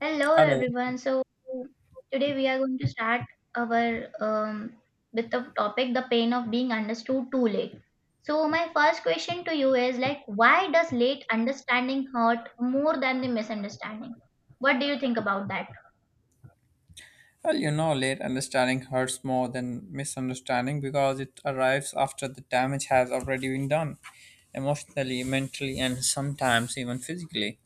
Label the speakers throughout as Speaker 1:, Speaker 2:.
Speaker 1: Hello
Speaker 2: Hello.
Speaker 1: everyone. So today we are going to start our with the topic the pain of being understood too late. So my first question to you is like why does late understanding hurt more than the misunderstanding? What do you think about that?
Speaker 2: Well, you know, late understanding hurts more than misunderstanding because it arrives after the damage has already been done, emotionally, mentally, and sometimes even physically.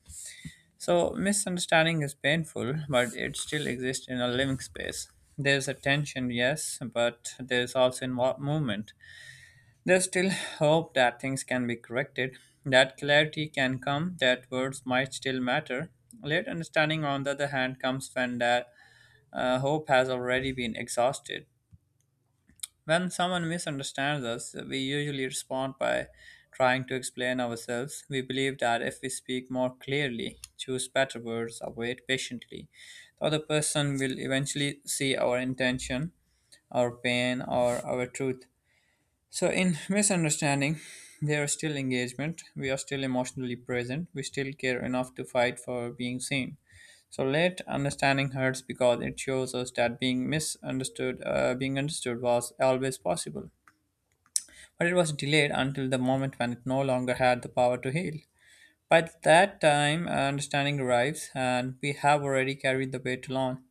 Speaker 2: So, misunderstanding is painful, but it still exists in a living space. There's a tension, yes, but there's also movement. There's still hope that things can be corrected, that clarity can come, that words might still matter. Late understanding, on the other hand, comes when that hope has already been exhausted. When someone misunderstands us, we usually respond by trying to explain ourselves. We believe that if we speak more clearly, choose better words, or wait patiently, the other person will eventually see our intention, our pain, or our truth. So, in misunderstanding, there is still engagement. We are still emotionally present. We still care enough to fight for being seen. So, late understanding hurts because it shows us that being misunderstood, being understood was always possible. But it was delayed until the moment when it no longer had the power to heal. By that time, understanding arrives, and we have already carried the weight along.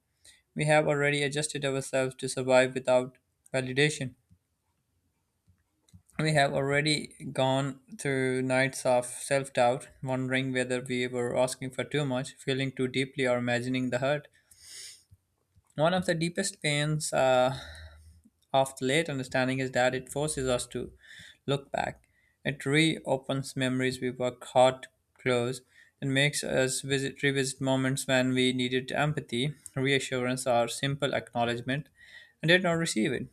Speaker 2: We have already adjusted ourselves to survive without validation. We have already gone through nights of self doubt, wondering whether we were asking for too much, feeling too deeply, or imagining the hurt. One of the deepest pains of the late understanding is that it forces us to look back. It reopens memories we work hard to close and makes us revisit moments when we needed empathy, reassurance, or simple acknowledgement and did not receive it.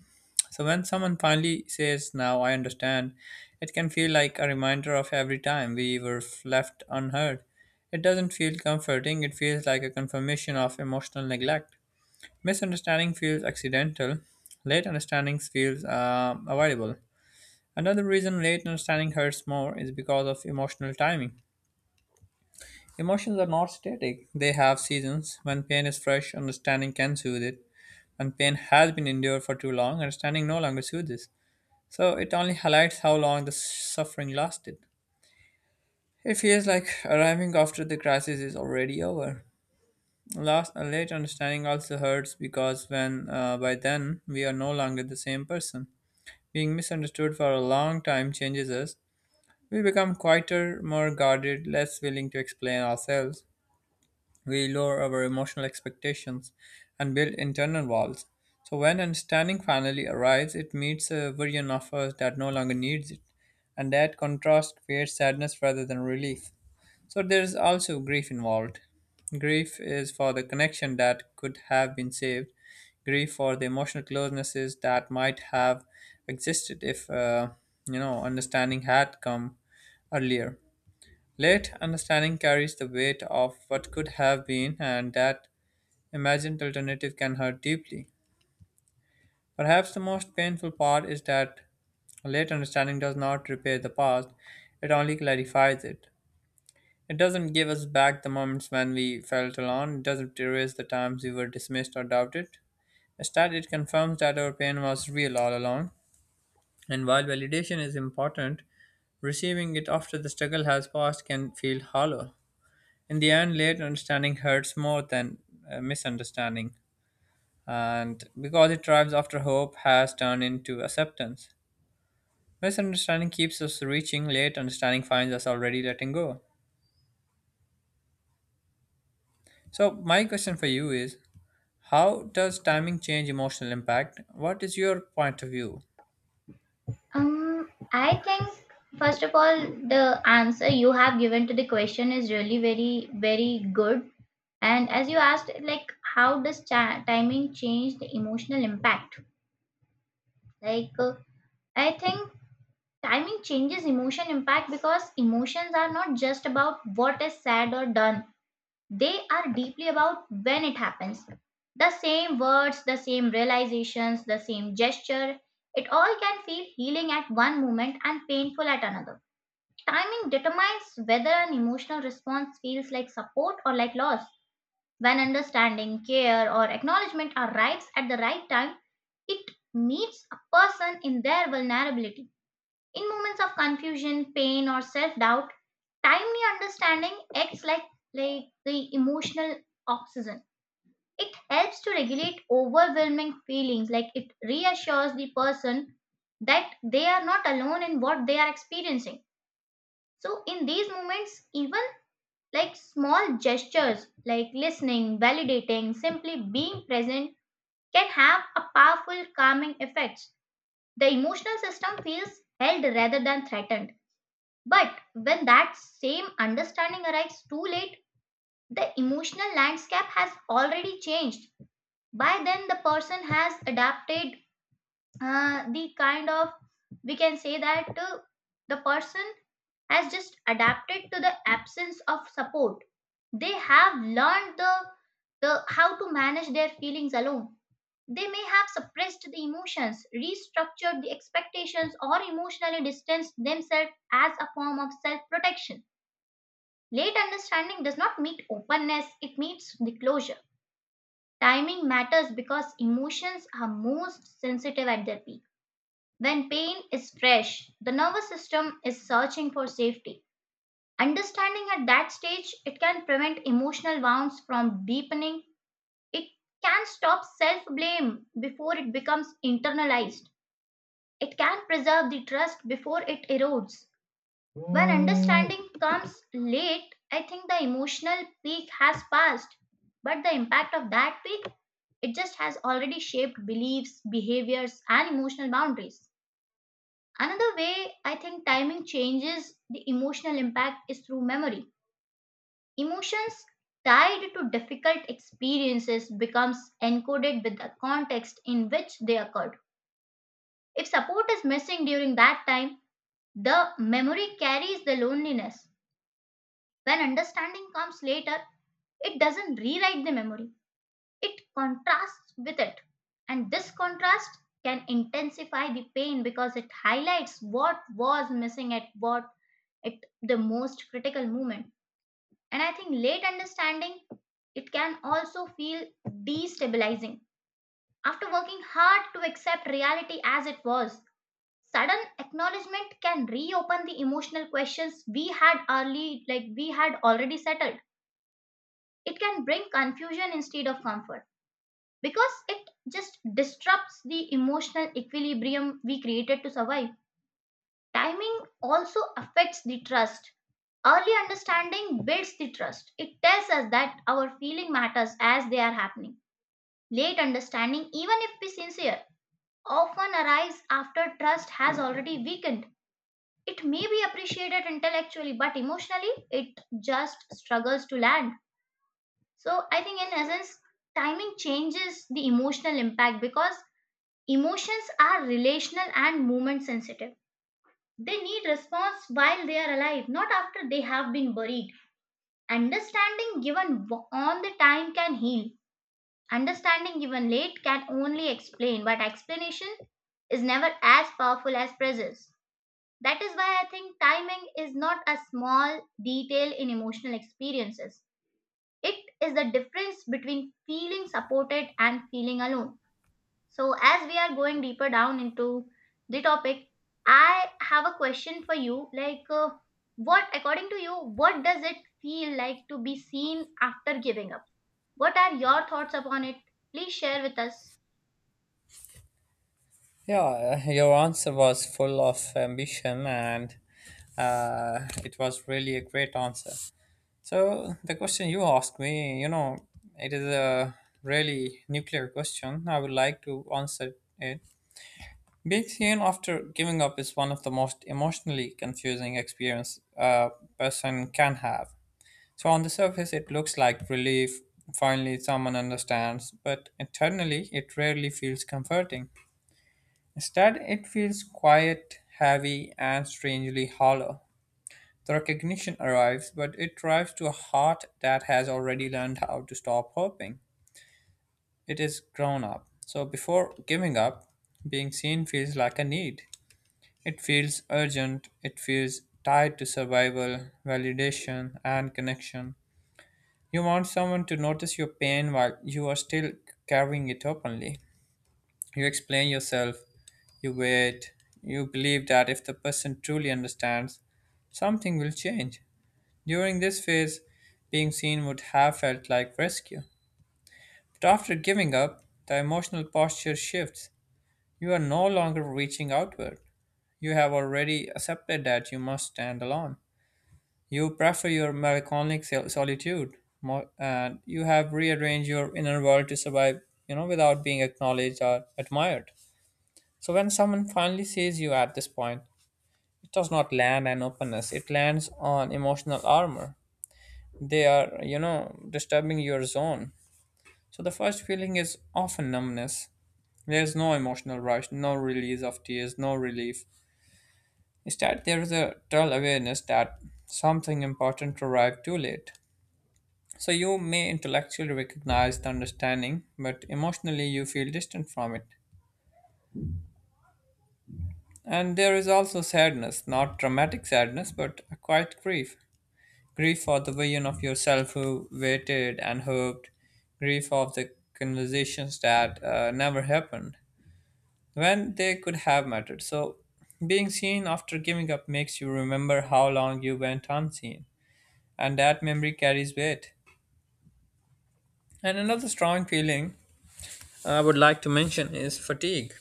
Speaker 2: So when someone finally says, "Now I understand," it can feel like a reminder of every time we were left unheard. It doesn't feel comforting, it feels like a confirmation of emotional neglect. Misunderstanding feels accidental, late understanding feels avoidable. Another reason late understanding hurts more is because of emotional timing. Emotions are not static, they have seasons. When pain is fresh, understanding can soothe it. When pain has been endured for too long, understanding no longer soothes. So it only highlights how long the suffering lasted. It feels like arriving after the crisis is already over. Last, a late understanding also hurts because when by then we are no longer the same person. Being misunderstood for a long time changes us. We become quieter, more guarded, less willing to explain ourselves. We lower our emotional expectations and build internal walls. So when understanding finally arrives, it meets a version of us that no longer needs it, and that contrast creates sadness rather than relief. So there is also grief involved. Grief is for the connection that could have been saved. Grief for the emotional closenesses that might have existed if you know, understanding had come earlier. Late understanding carries the weight of what could have been, and that imagined alternative can hurt deeply. Perhaps the most painful part is that late understanding does not repair the past, it only clarifies it. It doesn't give us back the moments when we felt alone, it doesn't erase the times we were dismissed or doubted. Instead, it confirms that our pain was real all along. And while validation is important, receiving it after the struggle has passed can feel hollow. In the end, late understanding hurts more than misunderstanding, and because it drives after hope has turned into acceptance. Misunderstanding keeps us reaching, late understanding finds us already letting go. So, my question for you is, how does timing change emotional impact? What is your point of view?
Speaker 1: I think first of all the answer you have given to the question is really very good, and as you asked, like how does timing change the emotional impact? Like uh, I think timing changes emotion impact because emotions are not just about what is said or done, they are deeply about when it happens. The same words, the same realizations, the same gesture, it all can feel healing at one moment and painful at another. Timing determines whether an emotional response feels like support or like loss. When understanding, care, or acknowledgement arrives at the right time, it meets a person in their vulnerability. In moments of confusion, pain, or self doubt, timely understanding acts like the emotional oxygen. It helps to regulate overwhelming feelings, like it reassures the person that they are not alone in what they are experiencing. So, in these moments, even like small gestures like listening, validating, simply being present can have a powerful calming effect. The emotional system feels held rather than threatened. But when that same understanding arrives too late, the emotional landscape has already changed. By then, the person has adapted, the kind of, we can say that the person has just adapted to the absence of support. They have learned the how to manage their feelings alone. They may have suppressed the emotions, restructured the expectations, or emotionally distanced themselves as a form of self protection. Late understanding does not meet openness, it meets the closure. Timing matters because emotions are most sensitive at their peak. When pain is fresh, the nervous system is searching for safety. Understanding at that stage, it can prevent emotional wounds from deepening. It can stop self blame before it becomes internalized. It can preserve the trust before it erodes. When understanding comes late, I think the emotional peak has passed, but the impact of that peak, it just has already shaped beliefs, behaviors, and emotional boundaries. Another way I think timing changes the emotional impact is through memory. Emotions tied to difficult experiences becomes encoded with the context in which they occurred. If support is missing during that time, the memory carries the loneliness. When understanding comes later, it doesn't rewrite the memory, it contrasts with it. And this contrast can intensify the pain because it highlights what was missing at what at the most critical moment. And I think late understanding, it can also feel destabilizing. After working hard to accept reality as it was, sudden acknowledgement can reopen the emotional questions we had early like we had already settled. It can bring confusion instead of comfort because it just disrupts the emotional equilibrium we created to survive. Timing also affects the trust. Early understanding builds the trust. It tells us that our feeling matters as they are happening. Late understanding, even if be sincere, often arrives after trust has already weakened. It may be appreciated intellectually, but emotionally, it just struggles to land. So, I think in essence, timing changes the emotional impact because emotions are relational and movement sensitive. They need response while they are alive, not after they have been buried. Understanding given on the time can heal. Understanding given late can only explain, but explanation is never as powerful as presence. That is why I think timing is not a small detail in emotional experiences. It is the difference between feeling supported and feeling alone. So, as we are going deeper down into the topic, I have a question for you. What, according to you, what does it feel like to be seen after giving up? What are your thoughts upon it? Please share with us.
Speaker 2: Yeah, your answer was full of ambition and it was really a great answer. So the question you asked me, you know, it is a really nuclear question. I would like to answer it. Being seen after giving up is one of the most emotionally confusing experience a person can have. So on the surface, it looks like relief. Finally, someone understands, but internally, it rarely feels comforting. Instead, it feels quiet, heavy, and strangely hollow. The recognition arrives, but it arrives to a heart that has already learned how to stop hoping. It is grown up. So before giving up, being seen feels like a need. It feels urgent, it feels tied to survival, validation, and connection. You want someone to notice your pain while you are still carrying it openly. You explain yourself, you wait, you believe that if the person truly understands, something will change. During this phase, being seen would have felt like rescue. But after giving up, the emotional posture shifts. You are no longer reaching outward. You have already accepted that you must stand alone. You prefer your melancholic solitude, and you have rearranged your inner world to survive, you know, without being acknowledged or admired. So when someone finally sees you at this point, it does not land on openness; it lands on emotional armor. They are, you know, disturbing your zone. So the first feeling is often numbness. There's no emotional rush, no release of tears, no relief. Instead, there is a dull awareness that something important arrived too late. So you may intellectually recognize the understanding, but emotionally you feel distant from it. And there is also sadness, not dramatic sadness, but a quiet grief. Grief for the vision of yourself who waited and hoped. Grief of the conversations that never happened when they could have mattered. So, being seen after giving up makes you remember how long you went unseen, and that memory carries weight. And another strong feeling I would like to mention is fatigue.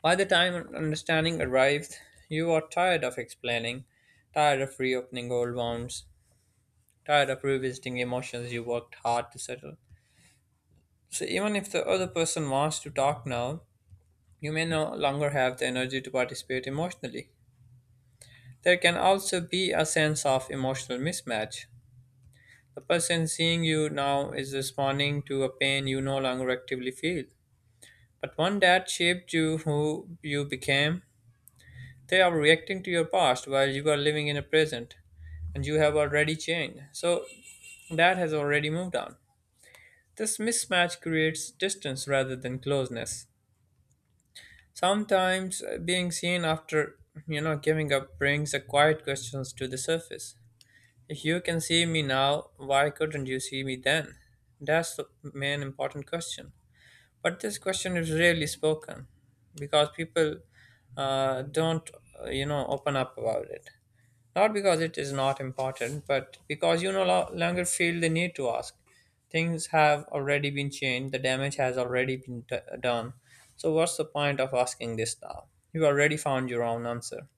Speaker 2: By the time understanding arrived, you are tired of explaining, tired of reopening old wounds, tired of revisiting emotions you worked hard to settle. So even if the other person wants to talk now, you may no longer have the energy to participate emotionally. There can also be a sense of emotional mismatch. The person seeing you now is responding to a pain you no longer actively feel. But one that shaped you who you became, they are reacting to your past while you are living in the present and you have already changed. So that has already moved on. This mismatch creates distance rather than closeness. Sometimes being seen after, you know, giving up brings the quiet questions to the surface. If you can see me now, why couldn't you see me then? That's the main important question. But this question is rarely spoken because people don't, you know, open up about it. Not because it is not important, but because you no lo- longer feel the need to ask. Things have already been changed, the damage has already been done. So, what's the point of asking this now? You already found your own answer.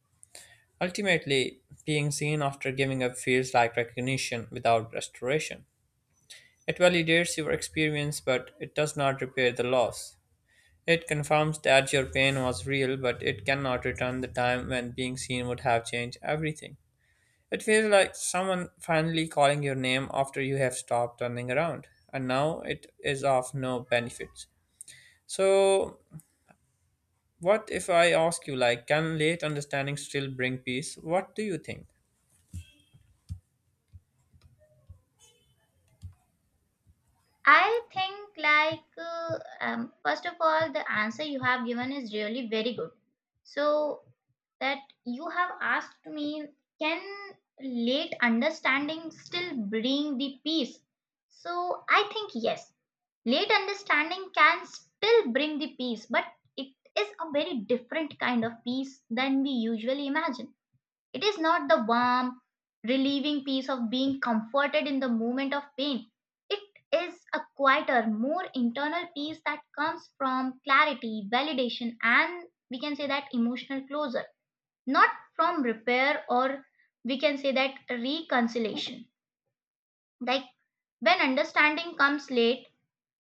Speaker 2: Ultimately, being seen after giving up feels like recognition without restoration. It validates your experience, but it does not repair the loss. It confirms that your pain was real, but it cannot return the time when being seen would have changed everything. It feels like someone finally calling your name after you have stopped turning around, and now it is of no benefits. So, what if I ask you, like, can late understanding still bring peace? What do you think?
Speaker 1: I think, first of all, the answer you have given is really very good. So, that you have asked me, can late understanding still bring the peace? So, I think yes, late understanding can still bring the peace, but it is a very different kind of peace than we usually imagine. It is not the warm, relieving peace of being comforted in the moment of pain. It is a quieter, more internal peace that comes from clarity, validation, and we can say that emotional closure, not from repair or we can say that reconciliation. Like when understanding comes late,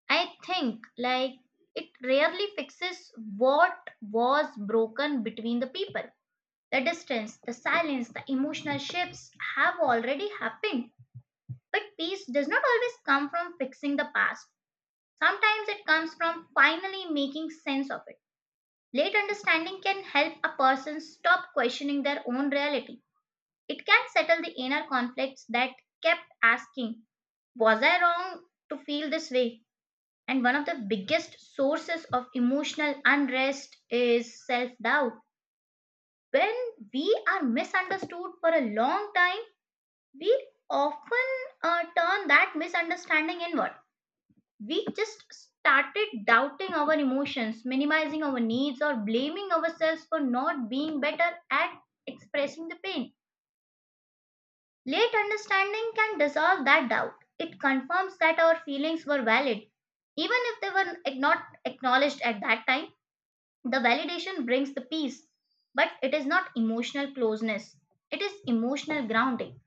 Speaker 1: I think like it rarely fixes what was broken between the people. The distance, the silence, the emotional shifts have already happened. But peace does not always come from fixing the past. Sometimes it comes from finally making sense of it. Late understanding can help a person stop questioning their own reality. It can settle the inner conflicts that kept asking, was I wrong to feel this way? And one of the biggest sources of emotional unrest is self doubt. When we are misunderstood for a long time, we often turn that misunderstanding inward. We just started doubting our emotions, minimizing our needs, or blaming ourselves for not being better at expressing the pain. Late understanding can dissolve that doubt. It confirms that our feelings were valid, even if they were not acknowledged at that time. The validation brings the peace, but it is not emotional closeness. It is emotional grounding.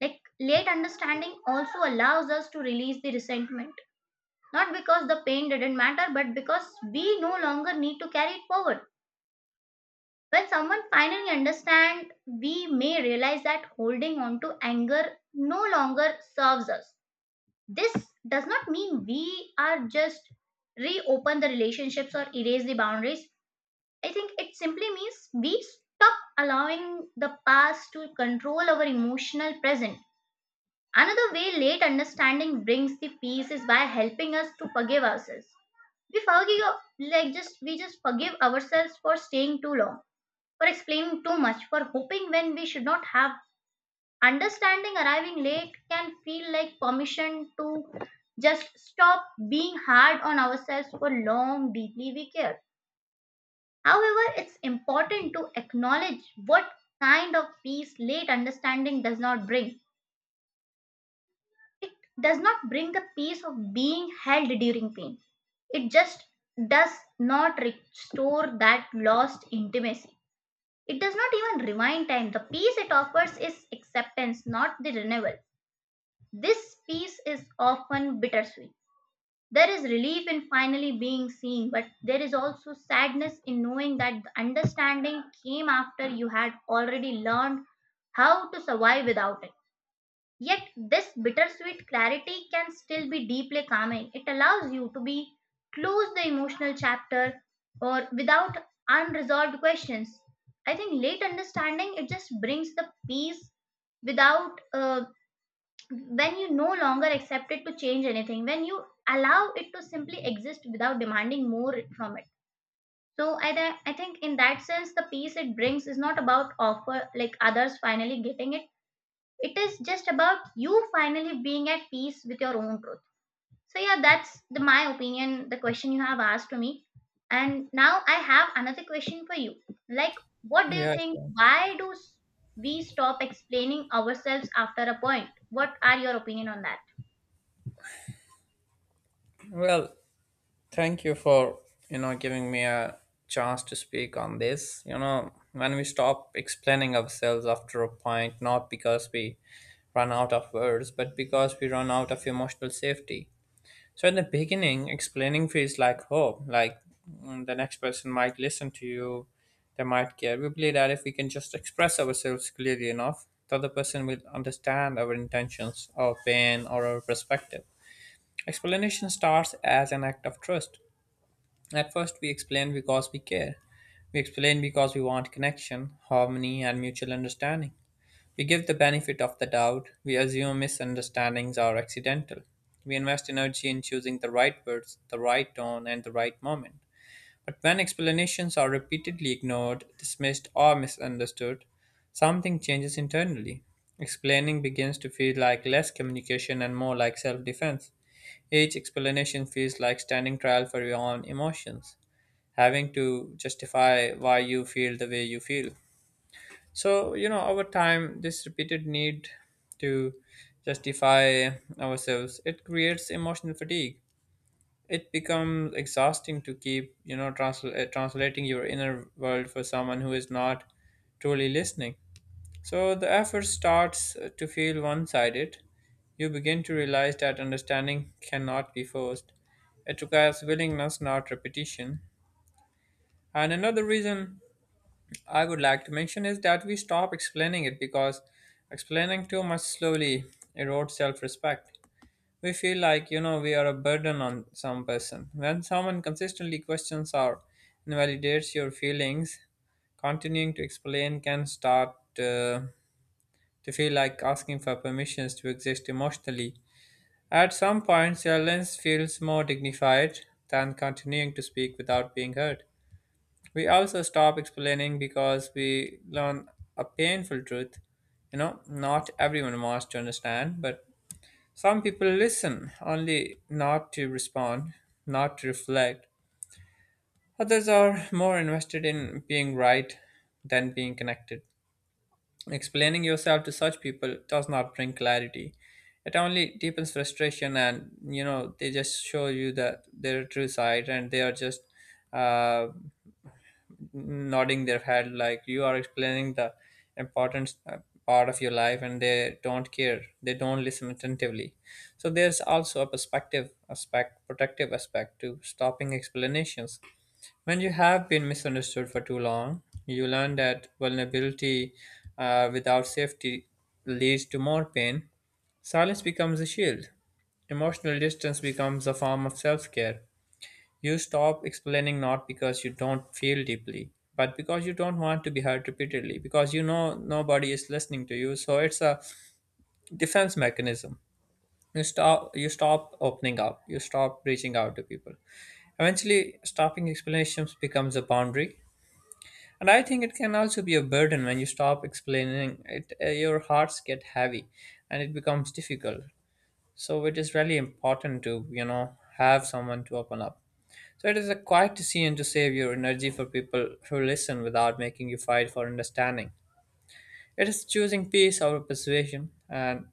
Speaker 1: Like late understanding also allows us to release the resentment, not because the pain didn't matter, but because we no longer need to carry it forward. When someone finally understands, we may realize that holding on to anger no longer serves us. This does not mean we are just reopen the relationships or erase the boundaries. I think it simply means we stop allowing the past to control our emotional present. Another way late understanding brings the peace is by helping us to forgive ourselves. We forgive, like just we just forgive ourselves for staying too long, for explaining too much, for hoping when we should not have. Understanding arriving late can feel like permission to just stop being hard on ourselves for long deeply we care. However, it's important to acknowledge what kind of peace late understanding does not bring. It does not bring the peace of being held during pain. It just does not restore that lost intimacy. It does not even rewind time. The peace it offers is acceptance, not the renewal. This peace is often bittersweet. There is relief in finally being seen, but there is also sadness in knowing that the understanding came after you had already learned how to survive without it. Yet, this bittersweet clarity can still be deeply calming. It allows you to be close the emotional chapter or without unresolved questions. I think late understanding it just brings the peace without when you no longer accept it to change anything, when you allow it to simply exist without demanding more from it. So I think in that sense the peace it brings is not about offer like others finally getting it, it is just about you finally being at peace with your own truth. So yeah, that's the my opinion the question you have asked to me. And now I have another question for you, like what do you
Speaker 2: Yeah.
Speaker 1: think, why do we stop explaining ourselves after a point? What are your opinion on that?
Speaker 2: Sure. Well, thank you for, you know, giving me a chance to speak on this. You know, when we stop explaining ourselves after a point, not because we run out of words, but because we run out of emotional safety. So in the beginning, explaining feels like hope. Like, the next person might listen to you, they might care. We believe that if we can just express ourselves clearly enough, the other person will understand our intentions, our pain, or our perspective. Explanation starts as an act of trust. At first, we explain because we care. We explain because we want connection, harmony, and mutual understanding. We give the benefit of the doubt, we assume misunderstandings are accidental, we invest energy in choosing the right words, the right tone, and the right moment. But when explanations are repeatedly ignored, dismissed, or misunderstood, something changes internally. Explaining begins to feel like less communication and more like self defense. Each explanation feels like standing trial for your own emotions, having to justify why you feel the way you feel. So, you know, over time, this repeated need to justify ourselves, it creates emotional fatigue. It becomes exhausting to keep, you know, translating your inner world for someone who is not truly listening. So the effort starts to feel one-sided. You begin to realize that understanding cannot be forced. It requires willingness, not repetition. And another reason I would like to mention is that we stop explaining it because explaining too much slowly erodes self respect. We feel like, you know, we are a burden on some person. When someone consistently questions or invalidates your feelings, continuing to explain can start to feel like asking for permissions to exist emotionally. At some point, silence feels more dignified than continuing to speak without being heard. We also stop explaining because we learn a painful truth. You know, not everyone wants to understand, but some people listen only not to respond, not to reflect. Others are more invested in being right than being connected. Explaining yourself to such people does not bring clarity. It only deepens frustration, and you know, they just show you that their true side and they are just. Uh, Nodding their head like you are explaining the important part of your life, and they don't care, they don't listen attentively. So there's also a perspective aspect, protective aspect to stopping explanations. When you have been misunderstood for too long, you learn that vulnerability without safety leads to more pain. Silence becomes a shield. Emotional distance becomes a form of self-care. You stop explaining not because you don't feel deeply, but because you don't want to be hurt repeatedly, because you know nobody is listening to you. So it's a defense mechanism. You stop opening up, you stop reaching out to people. Eventually stopping explanations becomes a boundary. And I think it can also be a burden when you stop explaining it. Your hearts get heavy and it becomes difficult. So it is really important to, you know, have someone to open up. So it is a quiet decision to save your energy for people who listen without making you fight for understanding. It is choosing peace over persuasion, and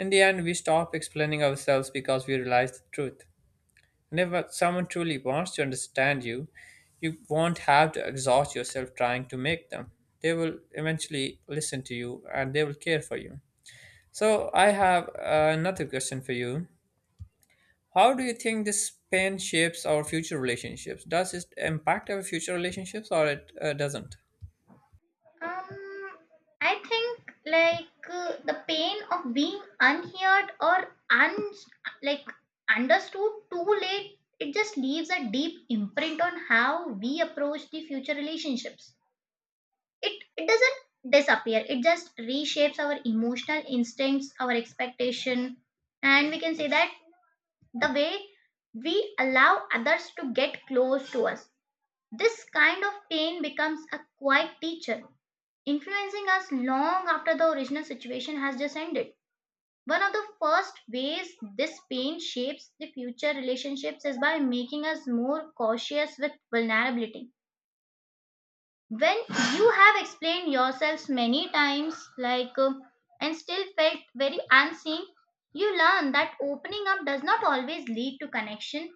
Speaker 2: in the end, we stop explaining ourselves because we realize the truth. And if someone truly wants to understand you, you won't have to exhaust yourself trying to make them. They will eventually listen to you and they will care for you. So, I have another question for you: how do you think this pain shapes our future relationships? Does it impact our future relationships or it doesn't?
Speaker 1: Um, I think the pain of being unheard or un like understood too late, it just leaves a deep imprint on how we approach the future relationships. It doesn't disappear. It just reshapes our emotional instincts, our expectation, and we can say that the way we allow others to get close to us. This kind of pain becomes a quiet teacher influencing us long after the original situation has just ended. One of the first ways this pain shapes the future relationships is by making us more cautious with vulnerability. When you have explained yourselves many times, and still felt very unseen, you learn that opening up does not always lead to connection.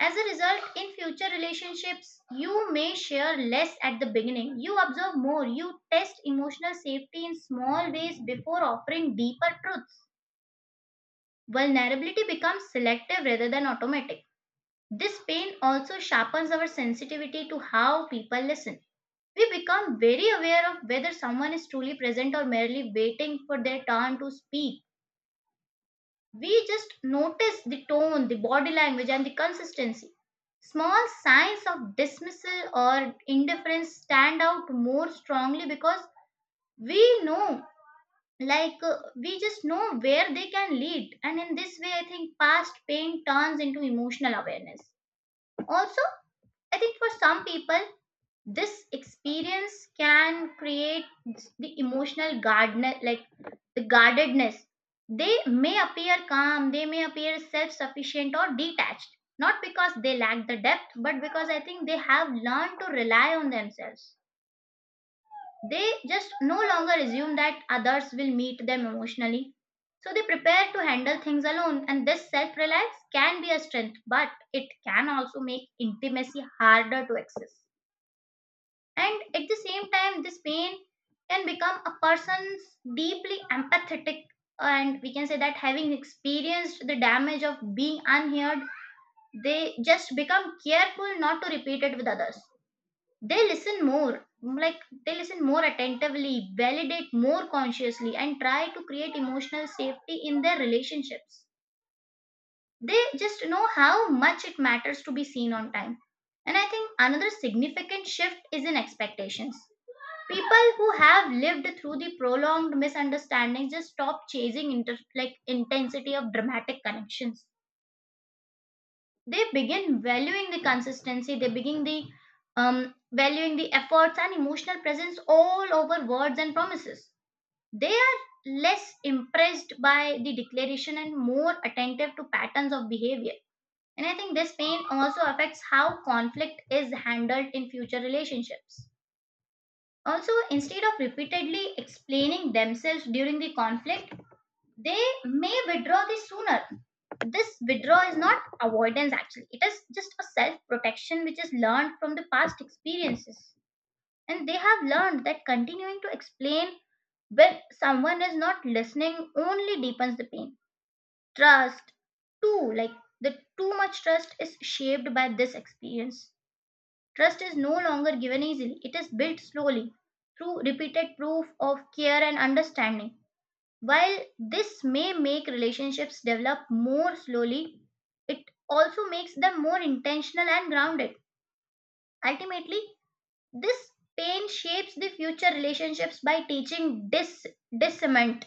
Speaker 1: As a result, in future relationships, you may share less at the beginning. You observe more. You test emotional safety in small ways before offering deeper truths. Vulnerability becomes selective rather than automatic. This pain also sharpens our sensitivity to how people listen. We become very aware of whether someone is truly present or merely waiting for their turn to speak. We just notice the tone, the body language, and the consistency. Small signs of dismissal or indifference stand out more strongly because we know, we just know where they can lead. And in this way, I think past pain turns into emotional awareness. Also, I think for some people, this experience can create the emotional guardner like the guardedness. They may appear calm, they may appear self-sufficient or detached, not because they lack the depth, but because I think they have learned to rely on themselves. They just no longer assume that others will meet them emotionally, so they prepare to handle things alone, and this self-reliance can be a strength, but it can also make intimacy harder to access. And at the same time, this pain can become a person's deeply empathetic. And we can say that having experienced the damage of being unheard, they just become careful not to repeat it with others. They listen more, like they listen more attentively, validate more consciously, and try to create emotional safety in their relationships. They just know how much it matters to be seen on time. And I think another significant shift is in expectations. People who have lived through the prolonged misunderstandings just stop chasing intensity of dramatic connections. They begin valuing the consistency, they begin the valuing the efforts and emotional presence all over words and promises. They are less impressed by the declaration and more attentive to patterns of behavior. And I think this pain also affects how conflict is handled in future relationships. Also, instead of repeatedly explaining themselves during the conflict, they may withdraw the sooner. This withdrawal is not avoidance actually, it is just a self protection which is learned from the past experiences. And they have learned that continuing to explain when someone is not listening only deepens the pain. Trust, too, like the too much trust is shaped by this experience. Trust is no longer given easily, it is built slowly through repeated proof of care and understanding. While this may make relationships develop more slowly, it also makes them more intentional and grounded. Ultimately, this pain shapes the future relationships by teaching discernment.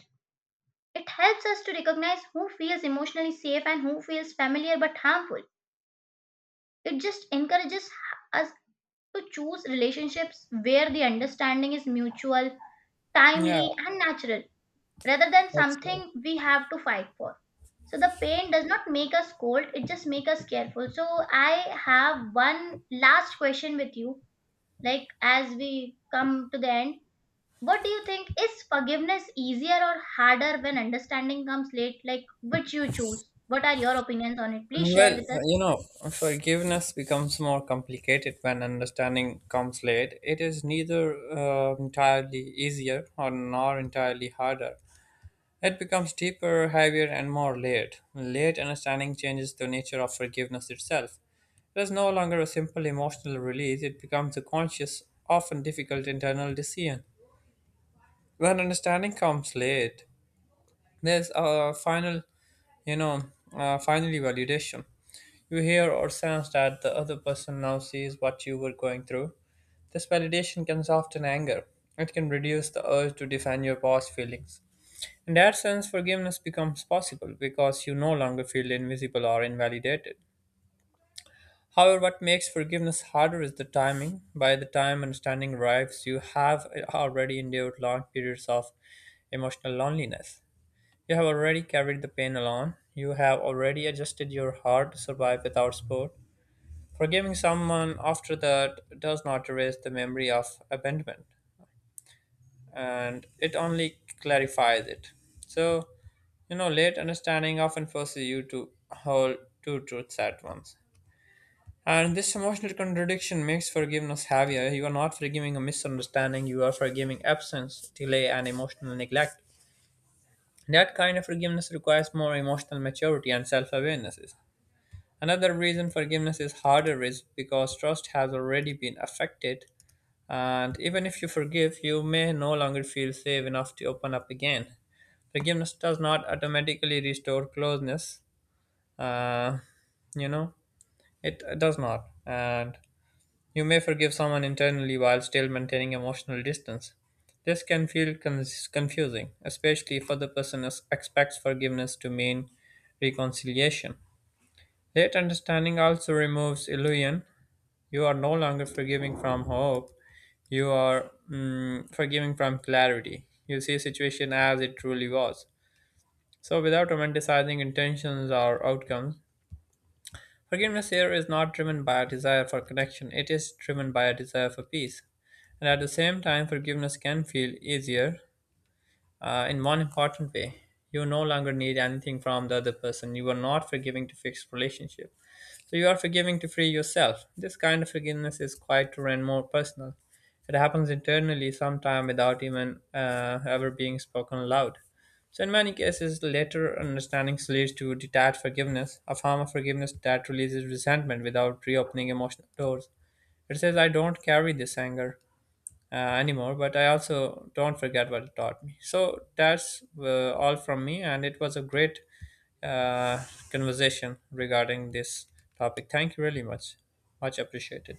Speaker 1: It helps us to recognize who feels emotionally safe and who feels familiar but harmful. It just encourages us to choose relationships where the understanding is mutual,
Speaker 2: Yeah,
Speaker 1: timely, and natural rather than
Speaker 2: that's right.
Speaker 1: something we have to fight for. So the pain does not make us cold, it just makes us careful. So I have one last question with you, like as we come to the end. What do you think, is forgiveness easier or harder when understanding comes late? Like which you choose? What are your opinions on it? Please share
Speaker 2: Well,
Speaker 1: with us.
Speaker 2: you know, forgiveness becomes more complicated when understanding comes late. It is neither entirely easier or nor entirely harder. It becomes deeper, heavier, and more layered. Late understanding changes the nature of forgiveness itself. It is no longer a simple emotional release, it becomes a conscious, often difficult internal decision. When understanding comes late, there's a final, you know finally validation. You hear or sense that the other person now sees what you were going through. This validation can soften anger. It can reduce the urge to defend your past feelings. In that sense, forgiveness becomes possible because you no longer feel invisible or invalidated. However, what makes forgiveness harder is the timing. By the time understanding arrives, you have already endured long periods of emotional loneliness. You have already carried the pain alone. You have already adjusted your heart to survive without support. Forgiving someone after that does not erase the memory of abandonment, and it only clarifies it. So, you know, late understanding often forces you to hold two truths at once. And this emotional contradiction makes forgiveness heavier. You are not forgiving a misunderstanding, you are forgiving absence, delay, and emotional neglect. That kind of forgiveness requires more emotional maturity and self awarenesses. Another reason forgiveness is harder is because trust has already been affected, and even if you forgive, you may no longer feel safe enough to open up again. Forgiveness does not automatically restore closeness, uh, you know, it does not. And you may forgive someone internally while still maintaining emotional distance. This can confusing, especially if other person expects forgiveness to mean reconciliation. Late understanding also removes illusion. You are no longer forgiving from hope. You are forgiving from clarity. You see situation as it truly was. So without romanticizing intentions or outcomes, forgiveness here is not driven by a desire for connection, it is driven by a desire for peace. And at the same time, forgiveness can feel easier in one important way. You no longer need anything from the other person. You are not forgiving to fix relationship. So you are forgiving to free yourself. This kind of forgiveness is quieter and more personal. It happens internally sometime without even ever being spoken aloud. So in many cases, later understanding leads to detached forgiveness, a form of forgiveness that releases resentment without reopening emotional doors. It says, I don't carry this anger anymore, but I also don't forget what it taught me. So that's all from me, and it was a great uh, conversation regarding this topic. Thank you really much. Much appreciated.